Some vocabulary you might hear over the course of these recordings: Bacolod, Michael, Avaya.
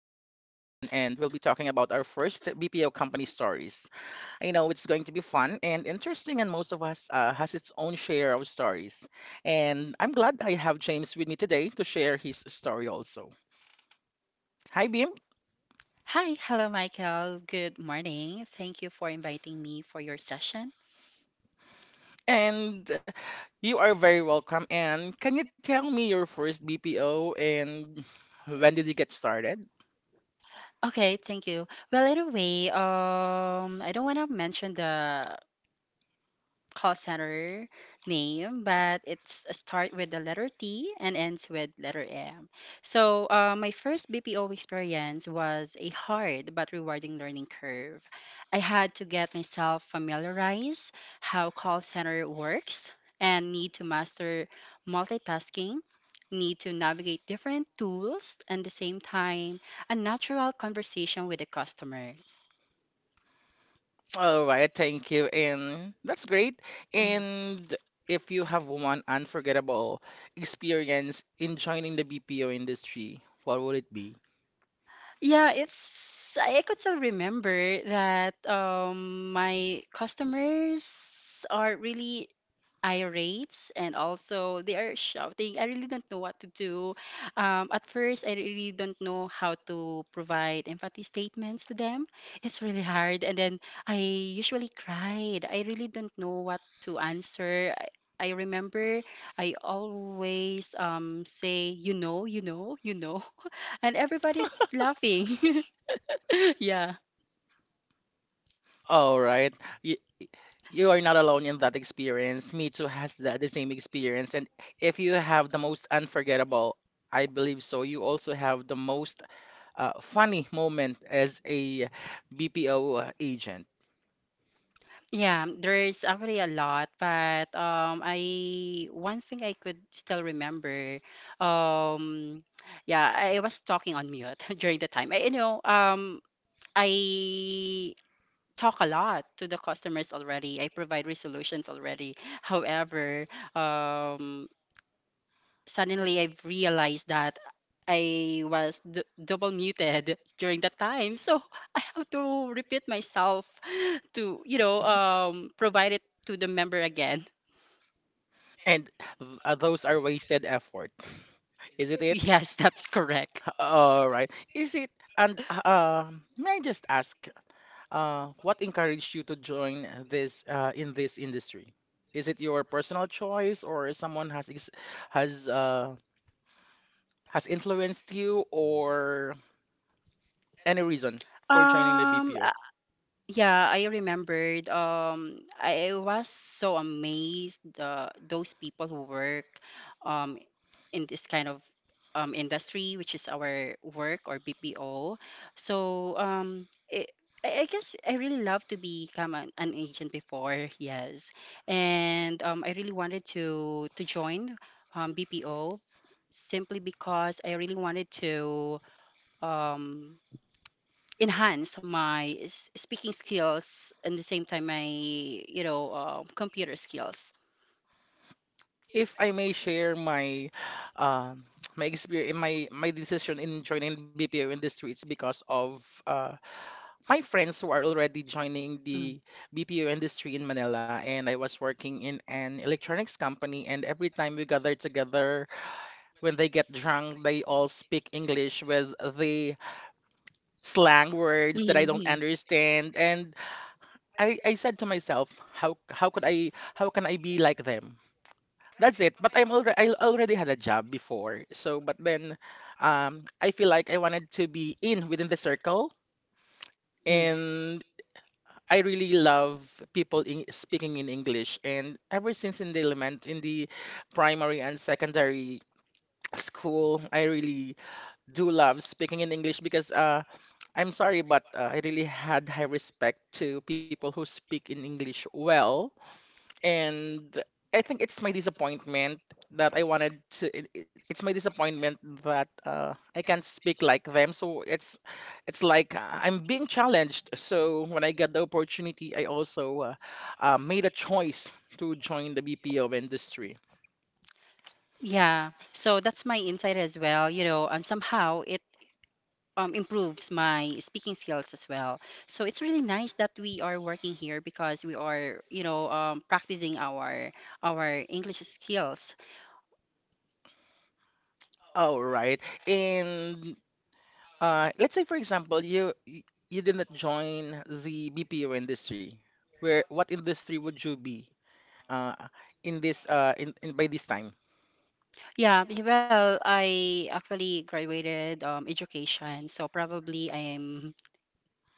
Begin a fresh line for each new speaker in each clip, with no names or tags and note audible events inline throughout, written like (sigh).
about our first BPO company stories. I know it's going to be fun and interesting, and most of us has its own share of stories. And I'm glad I have James with me today to share his story also. Hi Beam,
Hi, hello, Michael. Good morning. Thank you for inviting me for your session.
and you are very welcome, and can you tell me your first BPO and when did you get started?
Okay, thank you. Well, anyway, I don't want to mention the call center name, but it's a start with the letter T and ends with letter M. So my first BPO experience was a hard but rewarding learning curve. I had to get myself familiarized how call center works and need to master multitasking. Need to navigate different tools and the same time, a natural conversation with the customers.
All right, thank you. And that's great.
Mhm.
And if you have one unforgettable experience in joining the BPO industry, what would it be?
Yeah, it's I could still remember that my customers are really irate and also they are shouting. I really don't know what to do. At first, I really don't know how to provide empathy statements to them. It's really hard. And then I usually cried. I really don't know what to answer. I remember I always say, (laughs) and everybody's laughing. (laughs) Yeah.
All right. You, you are not alone in that experience. Me too has that the same experience. And if you have the most unforgettable, I believe so, you also have the most funny moment as a BPO agent.
Yeah, there's actually a lot, but I one thing I could still remember um yeah, was talking on mute (laughs) during the time. I talk a lot to the customers already. I provide resolutions already. However, um suddenly I've realized that I was d double muted during that time. So (laughs) I have to repeat myself to,
Hmm?
provide it to the member again.
And those are wasted effort. Is it
(laughs)
it?
Yes, that's correct.
All right. Is it? And may I just ask, what encouraged you to join this in this industry? Is it your personal choice, or has uh, has influenced you, or any reason for joining the
Um, uh,
BPO?
yeah, I remembered. I was so amazed the those people who work um in this kind of industry, which is our work or BPO. So I guess I really love to become an agent before, yes, and I really wanted to join BPO simply because I really wanted to um, enhance my speaking skills and the same time my computer skills.
If I may share my um (tsk) my experience, my decision in joining BPO industry, it's because of my friends who are already joining
Mm.
the BPO industry in Manila, and I was working in an electronics company. And every time we gather together, when they get drunk, they all speak English with the slang words that I don't
Hmm.
understand. And I said to myself, how can I be like them? That's it. But I already had a job before, so but then I feel like I wanted to be in within the circle.
Mm.
And I really love people speaking in English, and ever since in the primary and secondary school, I really do love speaking in English because I'm sorry, but I really had high respect to people who speak in English well, and I think it's my disappointment that I wanted to it, it- it's my disappointment that I can't speak like them. So it's like I'm being challenged. So when I got the opportunity, I also made a choice to join the BPO industry.
Yeah, so that's my insight as well. You know, somehow it improves my speaking skills as well. So it's really nice that we are working here because we are, practicing our English skills.
All right. And let's say for example, you did not join the BPO industry. Where what industry would you be uh, in this in by this time?
Yeah, well, I actually graduated education, so probably I am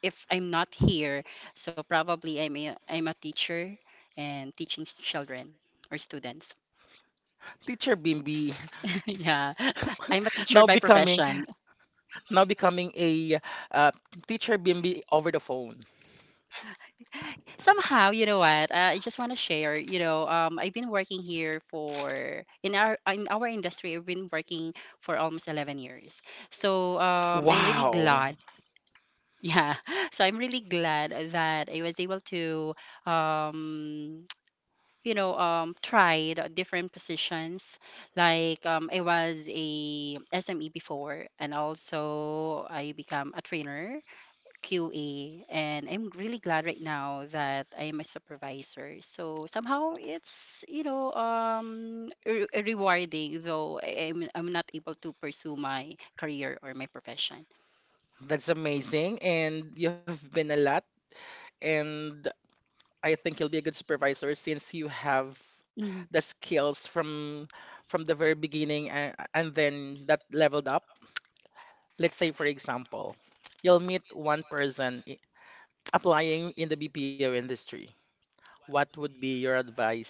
if I'm not here, so probably I'm a teacher and teaching children or students.
Teacher Bimby.
(laughs) Yeah, I'm a
(laughs)
teacher
Now
by
becoming
profession.
now becoming a uh, teacher Bimby over the phone.
Somehow, you know what? I just want to share. You know, I've been working here for in our industry. I've been working for almost 11 years. So I'm really glad.
Wow,
(laughs) Yeah, so I'm really glad that I was able to um, tried different positions like I was a SME before and also I become a trainer QA, and I'm really glad right now that I am a supervisor, so somehow it's rewarding, though I'm not able to pursue my career or my profession.
that's amazing. And you've been a lot, and I think you'll be a good supervisor since you have the skills from the very beginning and then that leveled up. Let's say, for example, you'll meet one applying in the BPO industry. What would be your advice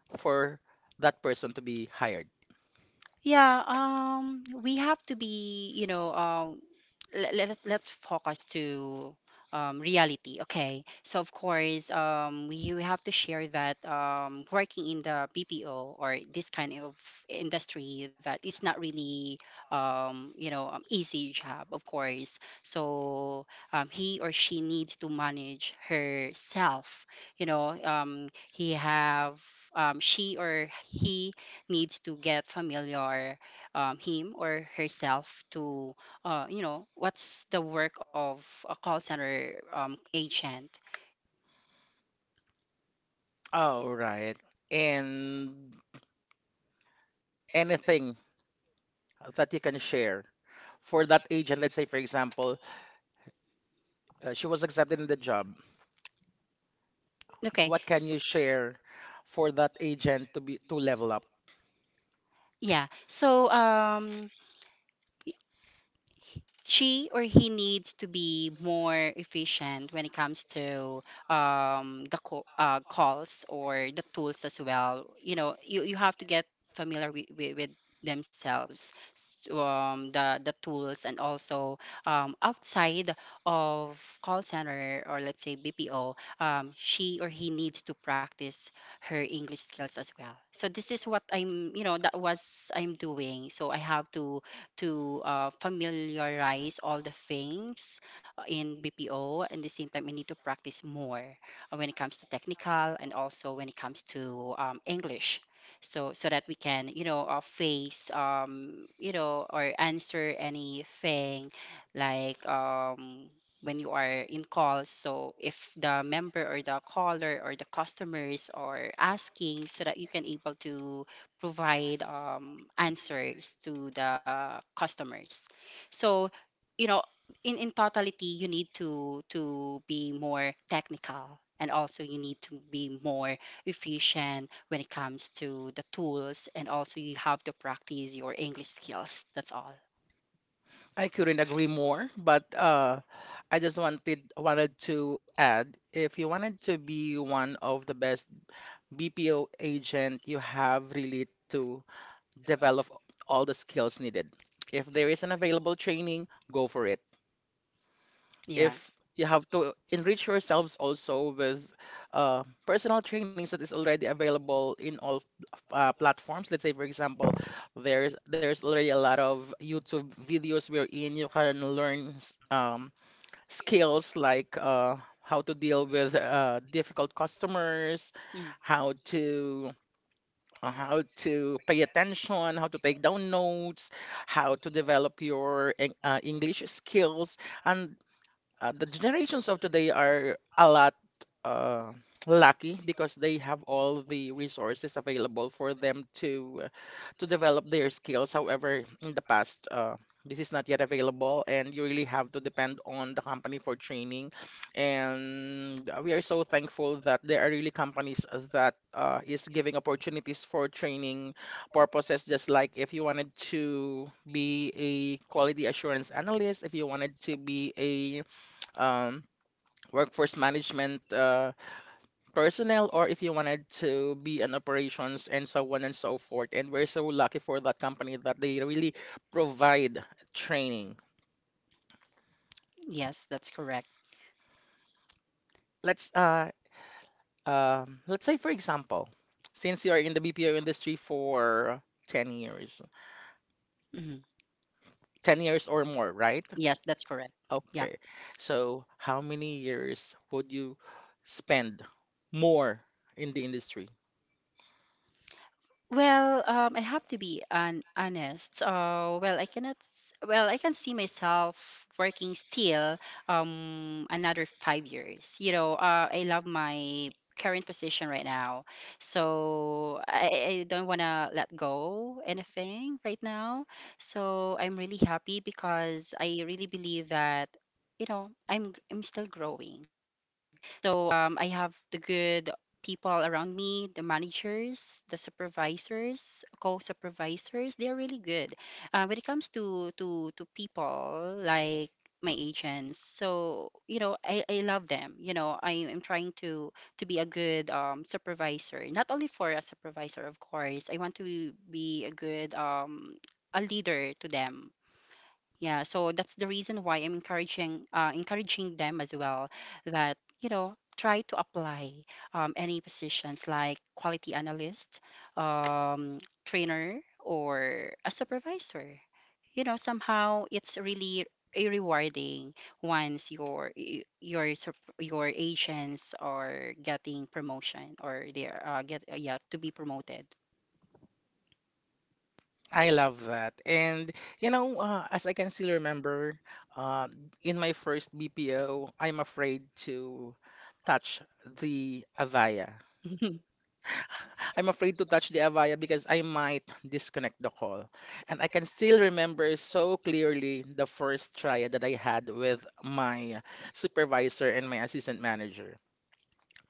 for that person to be hired?
Yeah, we have to be, let's focus to reality. Okay. So, of course, you have to share that working in the BPO or this kind of industry that it's not really, easy job, of course. So, he or she needs to manage herself. You know, she or he needs to get familiar him or herself to you know what's the work of a call center agent.
Oh, right. And anything that you can share for that agent, let's say, for example, she was accepted in the job.
Okay.
What can you share for that agent to be to level up?
Yeah, so she or he needs to be more efficient when it comes to calls or the tools as well. You know, you have to get familiar with themselves, the tools, and also outside of call center or let's say BPO, she or he needs to practice her English skills as well. So this is what I'm, that was I'm doing. So I have to familiarize all the things in BPO. And the same time, I need to practice more when it comes to technical and also when it comes to English. So that we can, face, or answer anything like when you are in calls. So if the member or the caller or the customer is or asking, so that you can able to provide answers to the customers. So, you know, in totality, you need to be more technical and also you need to be more efficient when it comes to the tools, and also you have to practice your English skills. That's all.
I couldn't agree more, but I just wanted to add, if you wanted to be one of the best BPO agent, you have really to develop all the skills needed. If there is an available training, go for it.
Yeah.
If you have to enrich yourselves also with personal trainings that is already available in all platforms. Let's say, for example, there's already a lot of YouTube videos wherein you can learn skills like how to deal with difficult customers,
Mhm.
how to how to pay attention, how to take down notes, how to develop your English skills. And the generations of today are a lot uh, lucky because they have all the resources available for them to develop their skills. However, in the past, this is not yet available, and you really have to depend on the company for training. And we are so thankful that there are really companies that is giving opportunities for training purposes. Just like if you wanted to be a quality assurance analyst, if you wanted to be a um, workforce management personnel, or if you wanted to be an operations and so on and so forth. And we're so lucky for that company that they really provide training.
Yes, that's correct.
Let's let's say for example, since you are in the BPO industry for 10 years,
Mhm.
10 years or more, right?
Yes, that's correct. Yeah.
Okay. So how many years would you spend more in the industry?
Well, I have to be an honest. Well, I cannot. S- Well, I can see myself working still another 5 years. You know, I love my current position right now, so I don't wanna let go anything right now. So I'm really happy because I really believe that I'm still growing. So I have the good people around me, the managers, the supervisors, co-supervisors. They're really good. When it comes to people like my agents, so you know, I love them. You know, I am trying to be a good supervisor, not only for a supervisor, of course. I want to be a good a leader to them. Yeah, so that's the reason why I'm encouraging encouraging them as well that, you know, try to apply any positions like quality analyst, um, trainer, or a supervisor. You know, somehow it's really a rewarding once your y- your sup- your agents are getting promotion or they're get yeah to be promoted.
I love that. And you know, as I can still remember, uh, in my first BPO, I'm afraid to touch the Avaya.
(laughs)
I'm afraid to touch the Avaya because I might disconnect the call. And I can still remember so clearly the first try that I had with my supervisor and my assistant manager.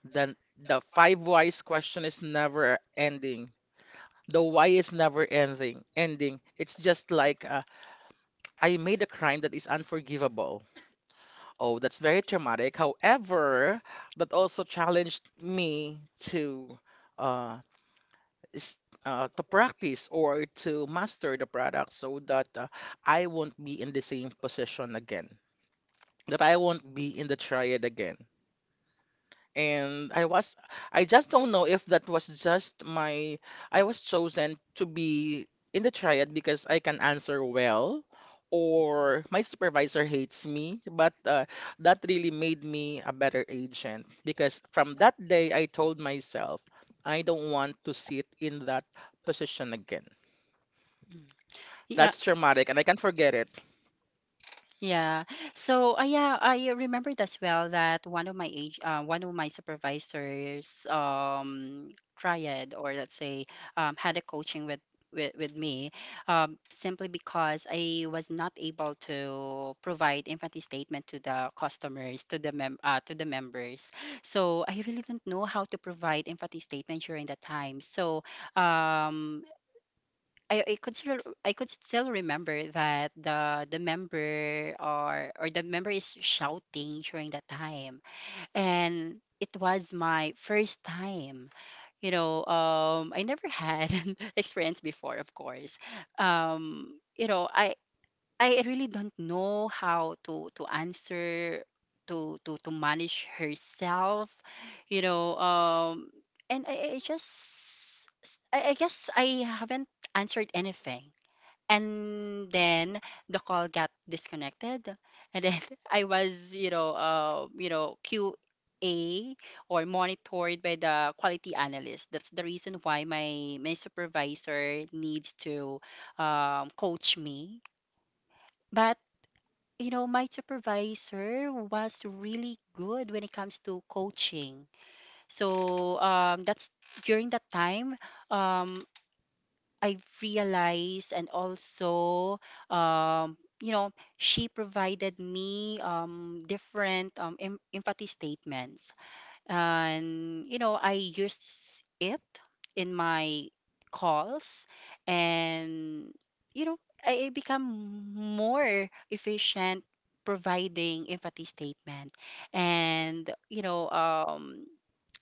The five whys question is never ending. The why is never ending. It's just like I made a crime that is unforgivable. Oh, that's very traumatic. However, that also challenged me to uh, s- to practice or to master the product so that I won't be in the same position again. That I won't be in the triad again. And I was, I just don't know if that was just my, I was chosen to be in the triad because I can answer well, or my supervisor hates me. But that really made me a better agent because from that day, I told myself, I don't want to sit in that position again.
Mm. Yeah.
That's traumatic, and I can't forget it.
Yeah. So, yeah, I remembered as well that one of my supervisors, tried or let's say, had a coaching with me, simply because I was not able to provide empathy statement to the customers, to the mem to the members. So I really don't know how to provide empathy statement during that time. So, um, I, I could still I could still remember that the member or the member is shouting during that time, and it was my first time. You know, I never had (laughs) an experience before, of course. um you know I I really don't know how to answer, to manage herself, you know um and I I just I guess I haven't answered anything, and then the call got disconnected, and then (laughs) I was QA or monitored by the quality analyst. That's the reason why my supervisor needs to coach me. But you know, my supervisor was really good when it comes to coaching. So that's during that time, um, I've realized, and also um you know she provided me different empathy statements, and you know I used it in my calls. And you know I become more efficient providing empathy statement. And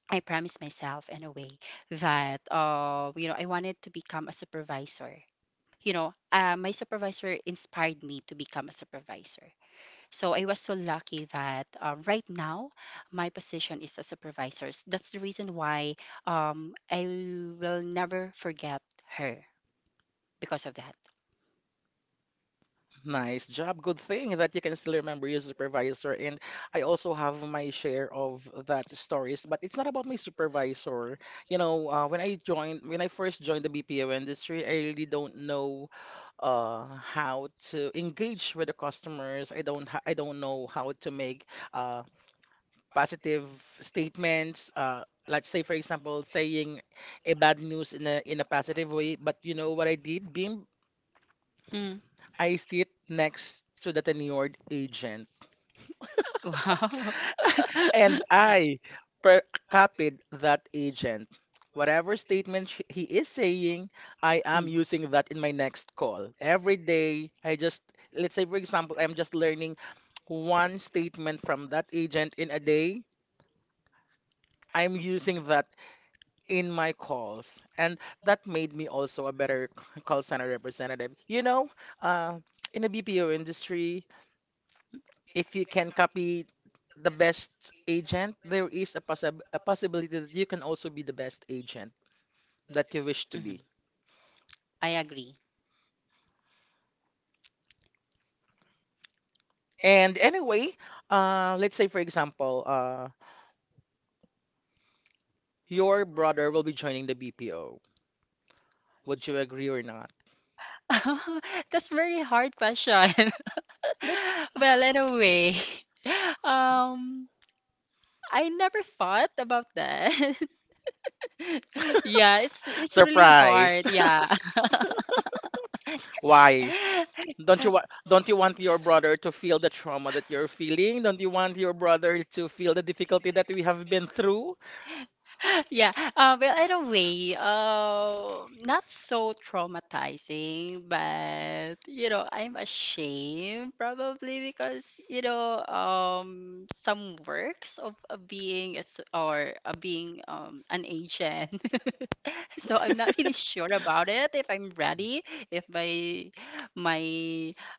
I promised myself in a way that, you know, I wanted to become a supervisor. You know, my supervisor inspired me to become a supervisor. So I was so lucky that right now my position is a supervisor. That's the reason why I will never forget her because of that.
Nice job. Good thing that you can still remember your supervisor. And I also have my share of that stories, but it's not about my supervisor. You know, when I first joined the BPO industry, I really don't know uh, how to engage with the customers. I don't know how to make uh, positive statements. Let's say, for example, saying a bad news in a positive way. But you know what I did? Being
Mm. (laughs)
I sit next to the tenured agent,
Wow.
and I per- copied that agent. Whatever statement he is saying, I am
Mm.
using that in my next call. Every day, I just, let's say, for example, I'm just learning one statement from that agent in a day. I'm using that in my calls. And that made me also a better call center representative. You know, uh, in the BPO industry, if you can copy the best agent, there is a a possibility that you can also be the best agent that you wish to be.
Mhm. I agree.
And anyway, let's say for example, your brother will be joining the BPO. Would you agree or not?
(laughs) That's very hard question. (laughs)
Let
(laughs) Well, in a way, (laughs) um, I never thought about that. (laughs) Yeah, it's really
surprised.
hard.
(laughs)
Yeah.
Why?
(laughs)
Don't you want your brother to feel the trauma that you're feeling? Don't you want your brother to feel the difficulty that we have been through?
(laughs) Yeah. Well, in a way, not so traumatizing, but you know, I'm ashamed probably because you know, some works of being a, s- or being an agent. (laughs) (laughs) So I'm not really sure about it if I'm ready, if my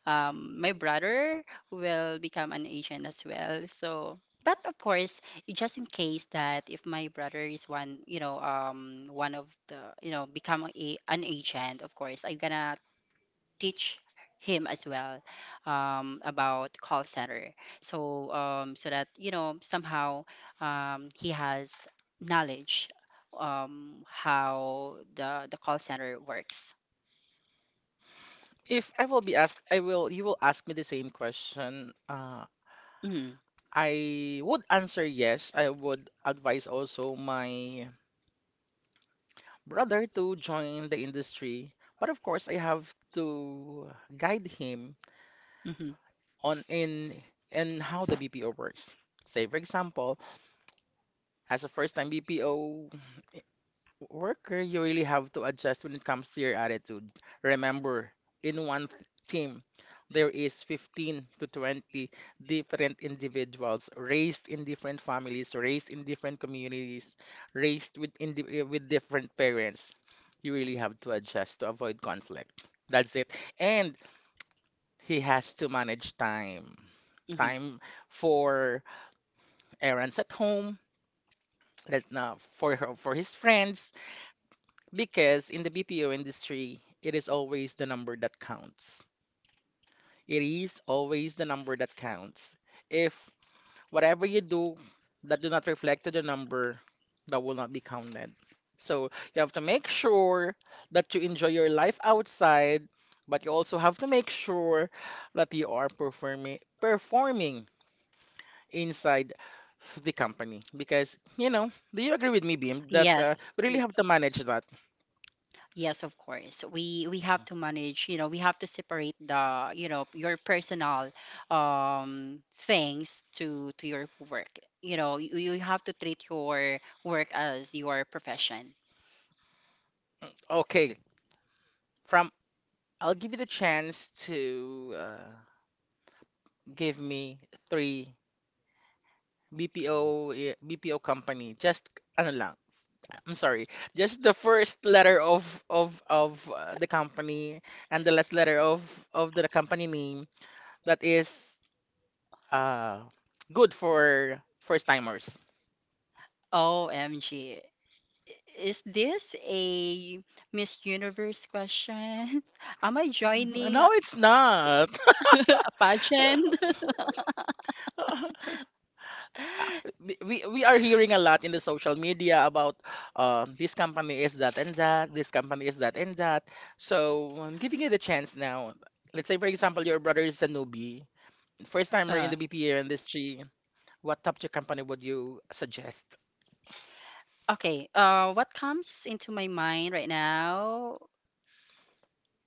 my brother will become an agent as well. So but of course, just in case that if my brother is one, you know, become an agent, of course, I'm gonna teach him as well about call center. So so that you know somehow he has knowledge how the call center works.
If I will be asked, I will you will ask me the same question.
Mm-hmm.
I would answer yes. I would advise also my brother to join the industry, but of course I have to guide him
Mm-hmm.
on in how the BPO works. Say for example, as a first-time BPO, Worker, you really have to adjust when it comes to your attitude. Remember, in one team, there is 15 to 20 different individuals raised in different families, raised in different communities, raised with with different parents. You really have to adjust to avoid conflict. That's it. And he has to manage time.
Mm-hmm.
Time for errands at home, that, for his friends, because in the BPO industry, it is always the number that counts. It is always the number that counts. If whatever you do that do not reflect to the number, that will not be counted. So you have to make sure that you enjoy your life outside, but you also have to make sure that you are performing inside the company. Because, you know, do you agree with me, Beam, that
Yes.
we really have to manage that?
Yes, of course. We have to manage, you know, we have to separate the, you know, your personal things to your work. You know, you have to treat your work as your profession.
Okay, from I'll give you the chance to give me three BPO BPO company. Just ano lang. I'm sorry. Just the first letter of the company, and the last letter of the company name that is uh good for first timers.
OMG. Is this a Miss Universe question? (laughs) Am I
(laughs)
joining
No, it's not.
a pageant?
(laughs)
(laughs)
We are hearing a lot in the social media about this company is that and that, this company is that and that. So I'm giving you the chance now. Let's say, for example, your brother is a newbie, first timer in
Uh,
the BPO industry. What top tier company would you suggest?
okay. What comes into my mind right now?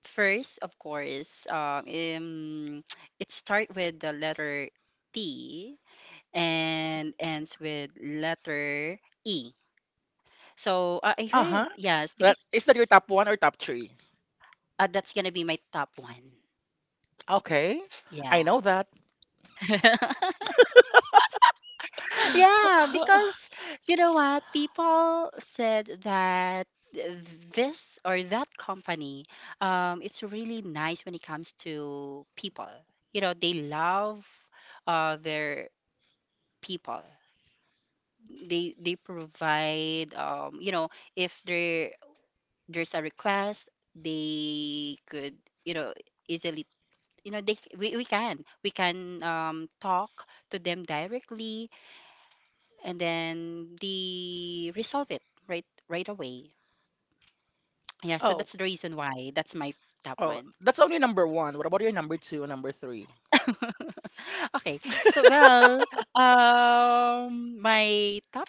First, of course, it starts with the letter T and ends with letter E. So I
Uh-huh.
heard, yes,
That is that your
because
top one or top three?
that's gonna be my top one.
Okay,
Yeah.
I know that.
(laughs) Yeah,
(laughs)
because you know what? People said that this or that company, it's really nice when it comes to people. You know, they love their people. They provide if there's a request, they could, you know, easily You know, they we can talk to them directly, and then they resolve it right away. Yeah, so
Oh,
that's the reason why that's my top
oh,
one.
that's only number one. What about your number two and number three?
Okay, so well, my top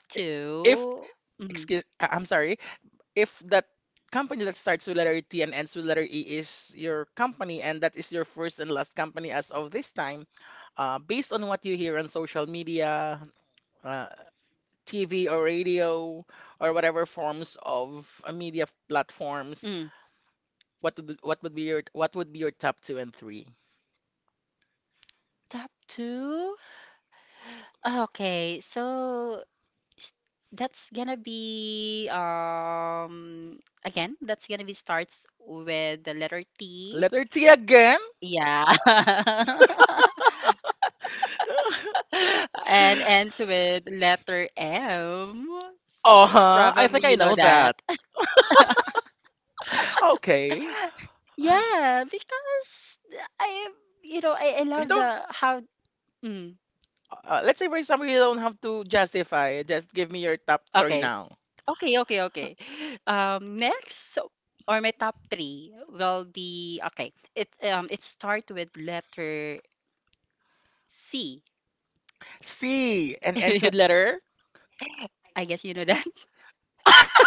If
two. Mhm.
excuse, I- I'm sorry. If that company that starts with letter E T and ends with letter E is your company and that is your first and last company as of this time, based on what you hear on social media, uh, TV or radio or whatever forms of media platforms,
Mm.
what would be your what would be your top two and three?
Top two? Okay, so s- that's gonna be starts with the letter T,
Letter T again?
yeah. (laughs)
(laughs)
And ends with letter M.
Uh-huh. I think
Probably
I
you know
know
that.
that. Okay.
(laughs)
I
Yeah, because I you know I love
don't
the how mm,
Let's say, for example, you don't have to justify. Just give me your top three
okay.
now.
Okay, okay, okay. Next, or my top three will be, okay, it start with letter C.
C
(laughs)
and ends
I
with letter.
guess you know that.
(laughs)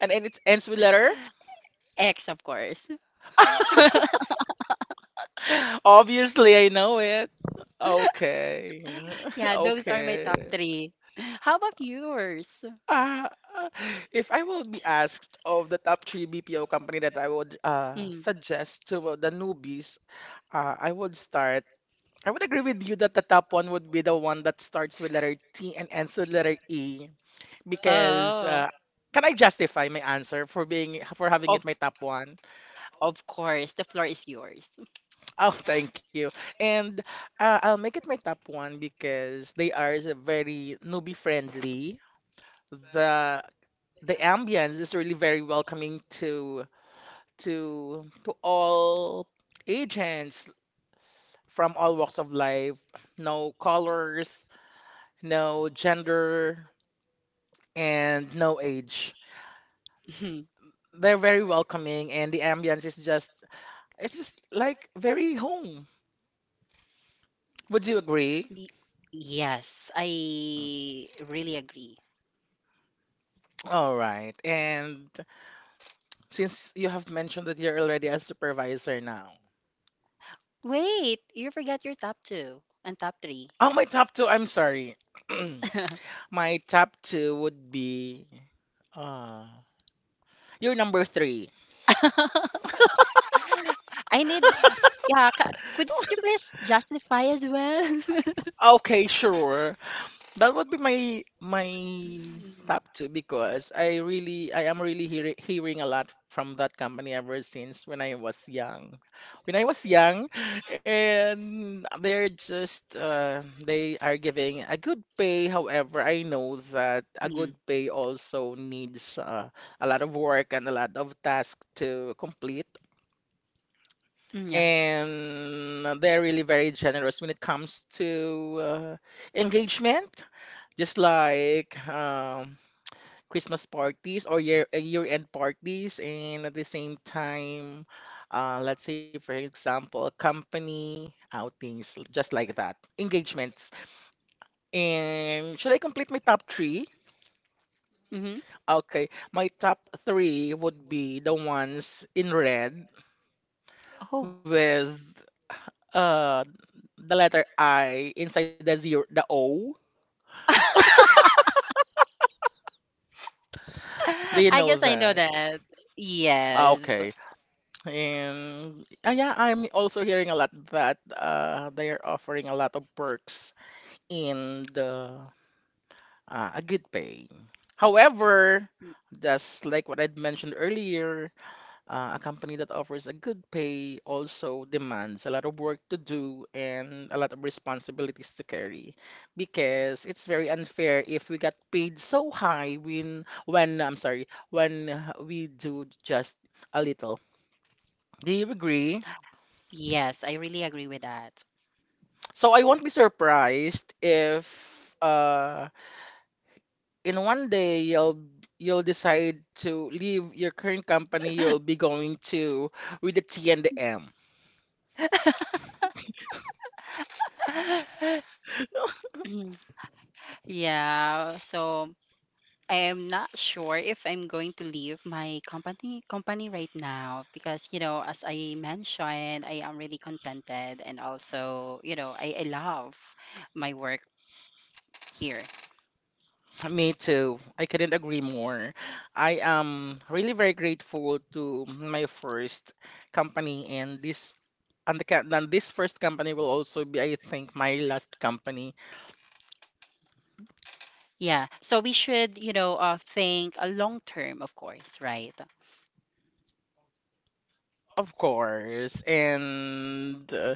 And it ends with letter.
(laughs) X, of course. (laughs)
(laughs) Obviously, I know it. Okay. (laughs)
Yeah, those are my top
Okay.
three. How about yours?
Uh, uh, if I will be asked of the top three BPO company that I would
Mm.
suggest to the newbies, I would start. I would agree with you that the top one would be the one that starts with letter T and ends with letter E. because
Oh,
Can I justify my answer for being for having it
of
my top one? (laughs)
of course, the floor is yours.
Oh, thank you. And I'll make it my top one because they are very newbie friendly. The the ambience is really very welcoming to to all agents from all walks of life. No colors, no gender, and no age.
(laughs)
They're very welcoming, and the ambience is just it's just like very home. Would you agree?
Y- Yes,
Mm.
I really agree.
All right. And since you have mentioned that you're already a supervisor now.
Wait, you forgot your top two and top
Oh,
three.
my top two, I'm sorry. (clears throat) My top two would be uh you're number three.
(laughs) I need, yeah, could you please justify as well?
(laughs)
(laughs)
Okay, sure. That would be my top two because I am really hearing a lot from that company ever since when I was young. When I was young, and they're just they are giving a good pay. However, I know that a
Mm,
good pay also needs a lot of work and a lot of tasks to complete.
mm, yeah.
And they're really very generous when it comes to engagement. Just like Christmas parties or year-end parties, and at the same time, let's say for example, company outings, just like that, engagements. And should I complete my top three?
Mm-hmm.
Okay, my top three would be the ones in red
Oh,
with uh the letter I inside the zero, the O.
(laughs)
Do you
I
know
guess I know
that?
that.
Ah,
Yes.
okay. And yeah, I'm also hearing a lot that they are offering a lot of perks in the a good pay. However, just like what I'd mentioned earlier, a company that offers a good pay also demands a lot of work to do and a lot of responsibilities to carry because it's very unfair if we got paid so high when I'm sorry when we do just a little. Do you agree?
Yes, I really agree with that.
So I won't be surprised if uh in one day you'll decide to leave your current company, you'll be going to with the T and the M.
(clears throat) (laughs) Yeah, so I am not sure if I'm going to leave my company right now because, you know, as I mentioned, I am really contented, and also, you know, I love my work here.
Me too. I couldn't agree more. I am really very grateful to my first company and this and the ca- and this first company will also be I think my last company,
Yeah, so we should think a long term, of course, right?
of course. And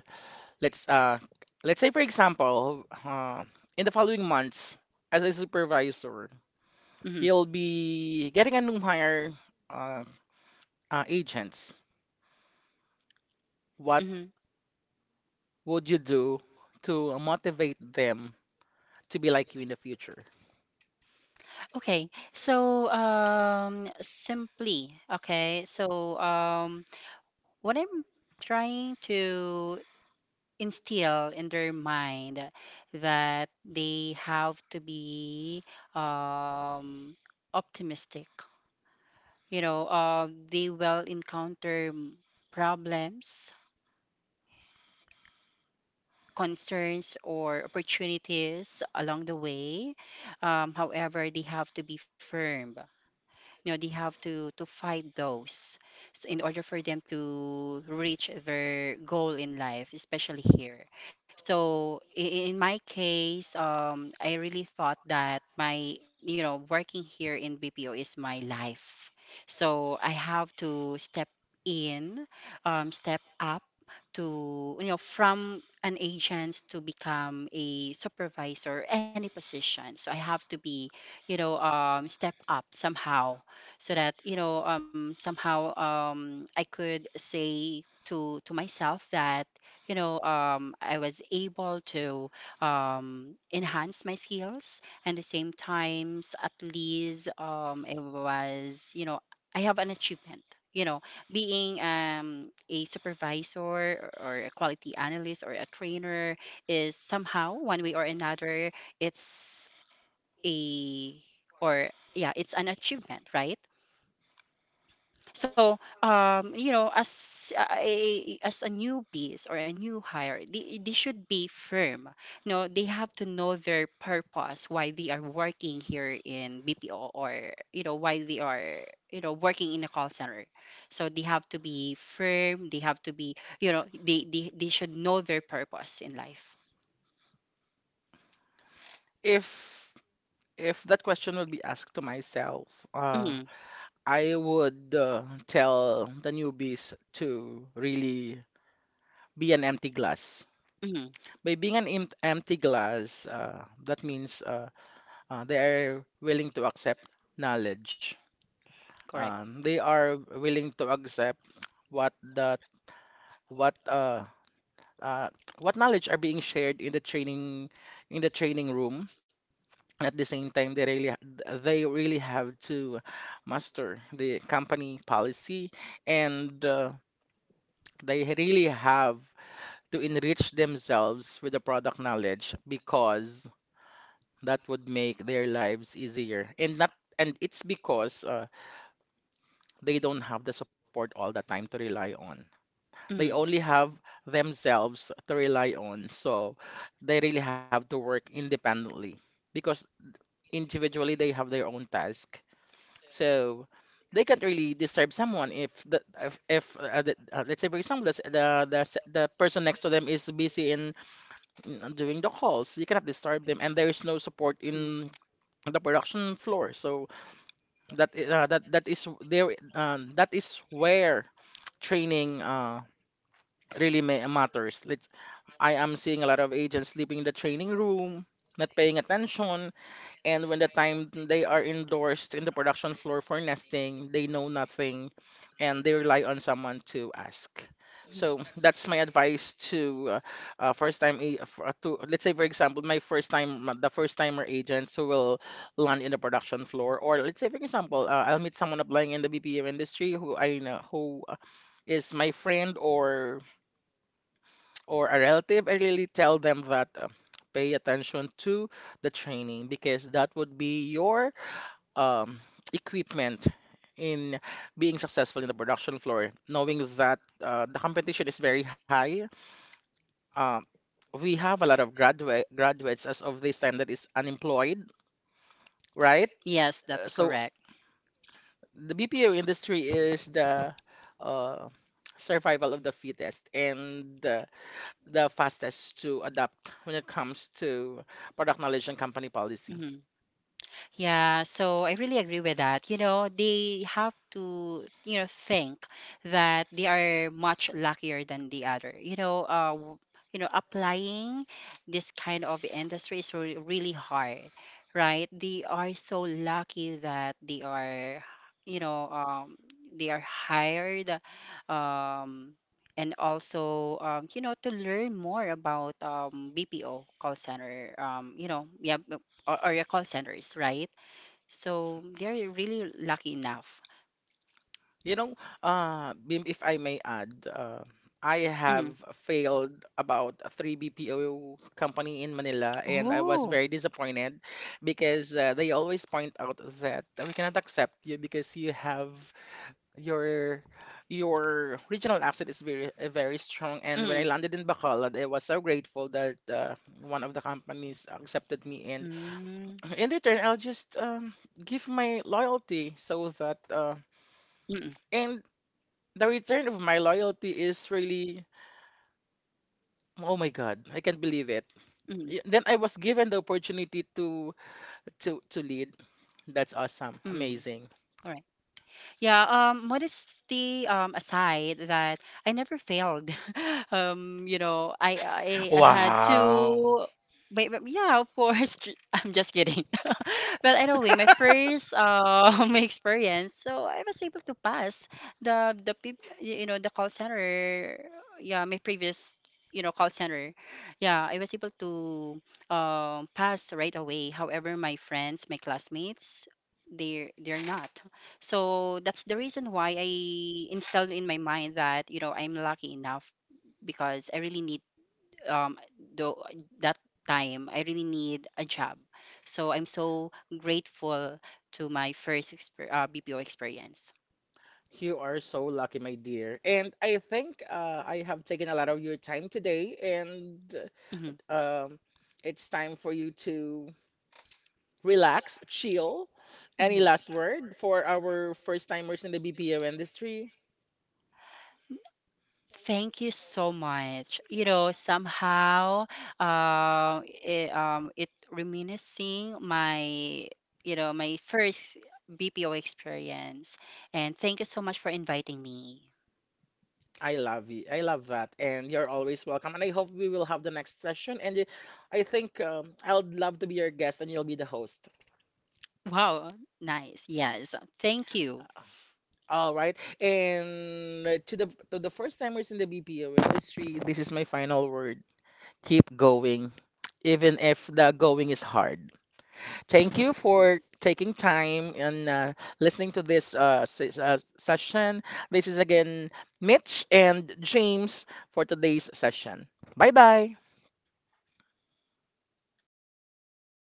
let's uh let's say for example in the following months as a supervisor
Mm-hmm.
you'll be getting a new hire uh, agents, what
Mm-hmm.
would you do to motivate them to be like you in the future?
Okay, so simply, okay, so what I'm trying to instill in their mind that they have to be um, optimistic. You know, they will encounter problems, concerns, or opportunities along the way. However, they have to be firm, they have to fight those, so in order for them to reach their goal in life, especially here, so in my case, I really thought that my working here in BPO is my life. So I have to in step up to, from an agent to become a supervisor, any position, so I have to be you know step up somehow, so that somehow, I could say to myself that I was able to enhance my skills, and the same times, at least, it was, I have an achievement, you know being a supervisor or a quality analyst or a trainer is somehow one way or another, it's a or yeah, it's an achievement, right. So, as a newbies or a new hire, they should be firm. No, they have to know their purpose, why they are working here in BPO, or, why they are, working in a call center. So they have to be firm, they have to be, they should know their purpose in life.
If if that question would be asked to myself, uh,
Mm-hmm.
I would tell the newbies to really be an empty glass.
Mm-hmm.
By being empty glass, that means they are willing to accept knowledge.
Correct.
They are willing to accept what the what uh, uh, what knowledge are being shared in the training room. At the same time, they really have to master the company policy, and they really have to enrich themselves with the product knowledge because that would make their lives easier. And not, and it's because they don't have the support all the time to rely on. They
Mm.
only have themselves to rely on. So they really have to work independently because individually they have their own task. So they can't really disturb someone if the, let's say for example the person next to them is busy in doing the calls. You cannot disturb them and there is no support in
Mm.
the production floor. So that is there, that is where training really matters. I am seeing a lot of agents sleeping in the training room, not paying attention, and when the time they are endorsed in the production floor for nesting, they know nothing and they rely on someone to ask. So
Mm.
that's my advice to first time a- f- to let's say for example my first time the first timer agents who will land in the production floor, or let's say for example I'll meet someone applying in the BPM industry who I know, who is my friend or a relative. I really tell them that pay attention to the training because that would be your um, equipment in being successful in the production floor. Knowing that the competition is very high, um, we have a lot of graduates as of this time that is unemployed, right?
Yes, that's
So
correct.
the BPO industry is the uh, survival of the fittest, and the fastest to adapt when it comes to product knowledge and company policy.
Mhm. Yeah, so I really agree with that. They have to, think that they are much luckier than the other. Applying this kind of industry is re really hard, right? They are so lucky that you know, um, they are hired, um, and also, to learn more about BPO call center. Yeah, or your call centers, right? So they're really lucky enough.
You know, Bim, if I may add, I
Mm.
have failed about three BPO company in Manila, and I was
Oh.
very disappointed because they always point out that we cannot accept you because you have your your regional accent is very very strong. And when I
Mm.
landed in Bacolod, I was so grateful that one of the companies accepted me, and
Mm.
in return, I'll just give my loyalty so that
Mm.
and the return of my loyalty is really, oh my God, I can't believe it.
Mm.
Then I was given the opportunity to to lead. That's awesome,
Mm.
amazing.
All right. Yeah, modesty aside, that I never failed. (laughs) I had
Wow.
to. Wait, but yeah, of course. (laughs) I'm just kidding. (laughs) But anyway, my first (laughs) experience, so I was able to pass the peop- y- you know the call center. Yeah, my previous call center. Yeah, I was able to pass right away. However, my friends, my classmates, they're not. So that's the reason why I installed in my mind that, I'm lucky enough because I really need um though that time I really need a job. So I'm so grateful to my first exper BPO experience.
You are so lucky, my dear. And I think I have taken a lot of your time today, and
hmm
um, it's time for you to relax, chill. Any
hmm
last word for our first timers in the BPO industry?
Thank you so much. Somehow, it reminiscing my first BPO experience. And thank you so much for inviting me.
I love you. I love that. And you're always welcome. And I hope we will have the next session. I think I'd love to be your guest and you'll be the host.
Wow, nice. Yes, thank you.
All right. And to the first timers in the BPO industry, this is my final word. Keep going, even if the going is hard. Thank you for taking time and listening to this session. This is again Mitch and James for today's session. Bye bye. Look, love,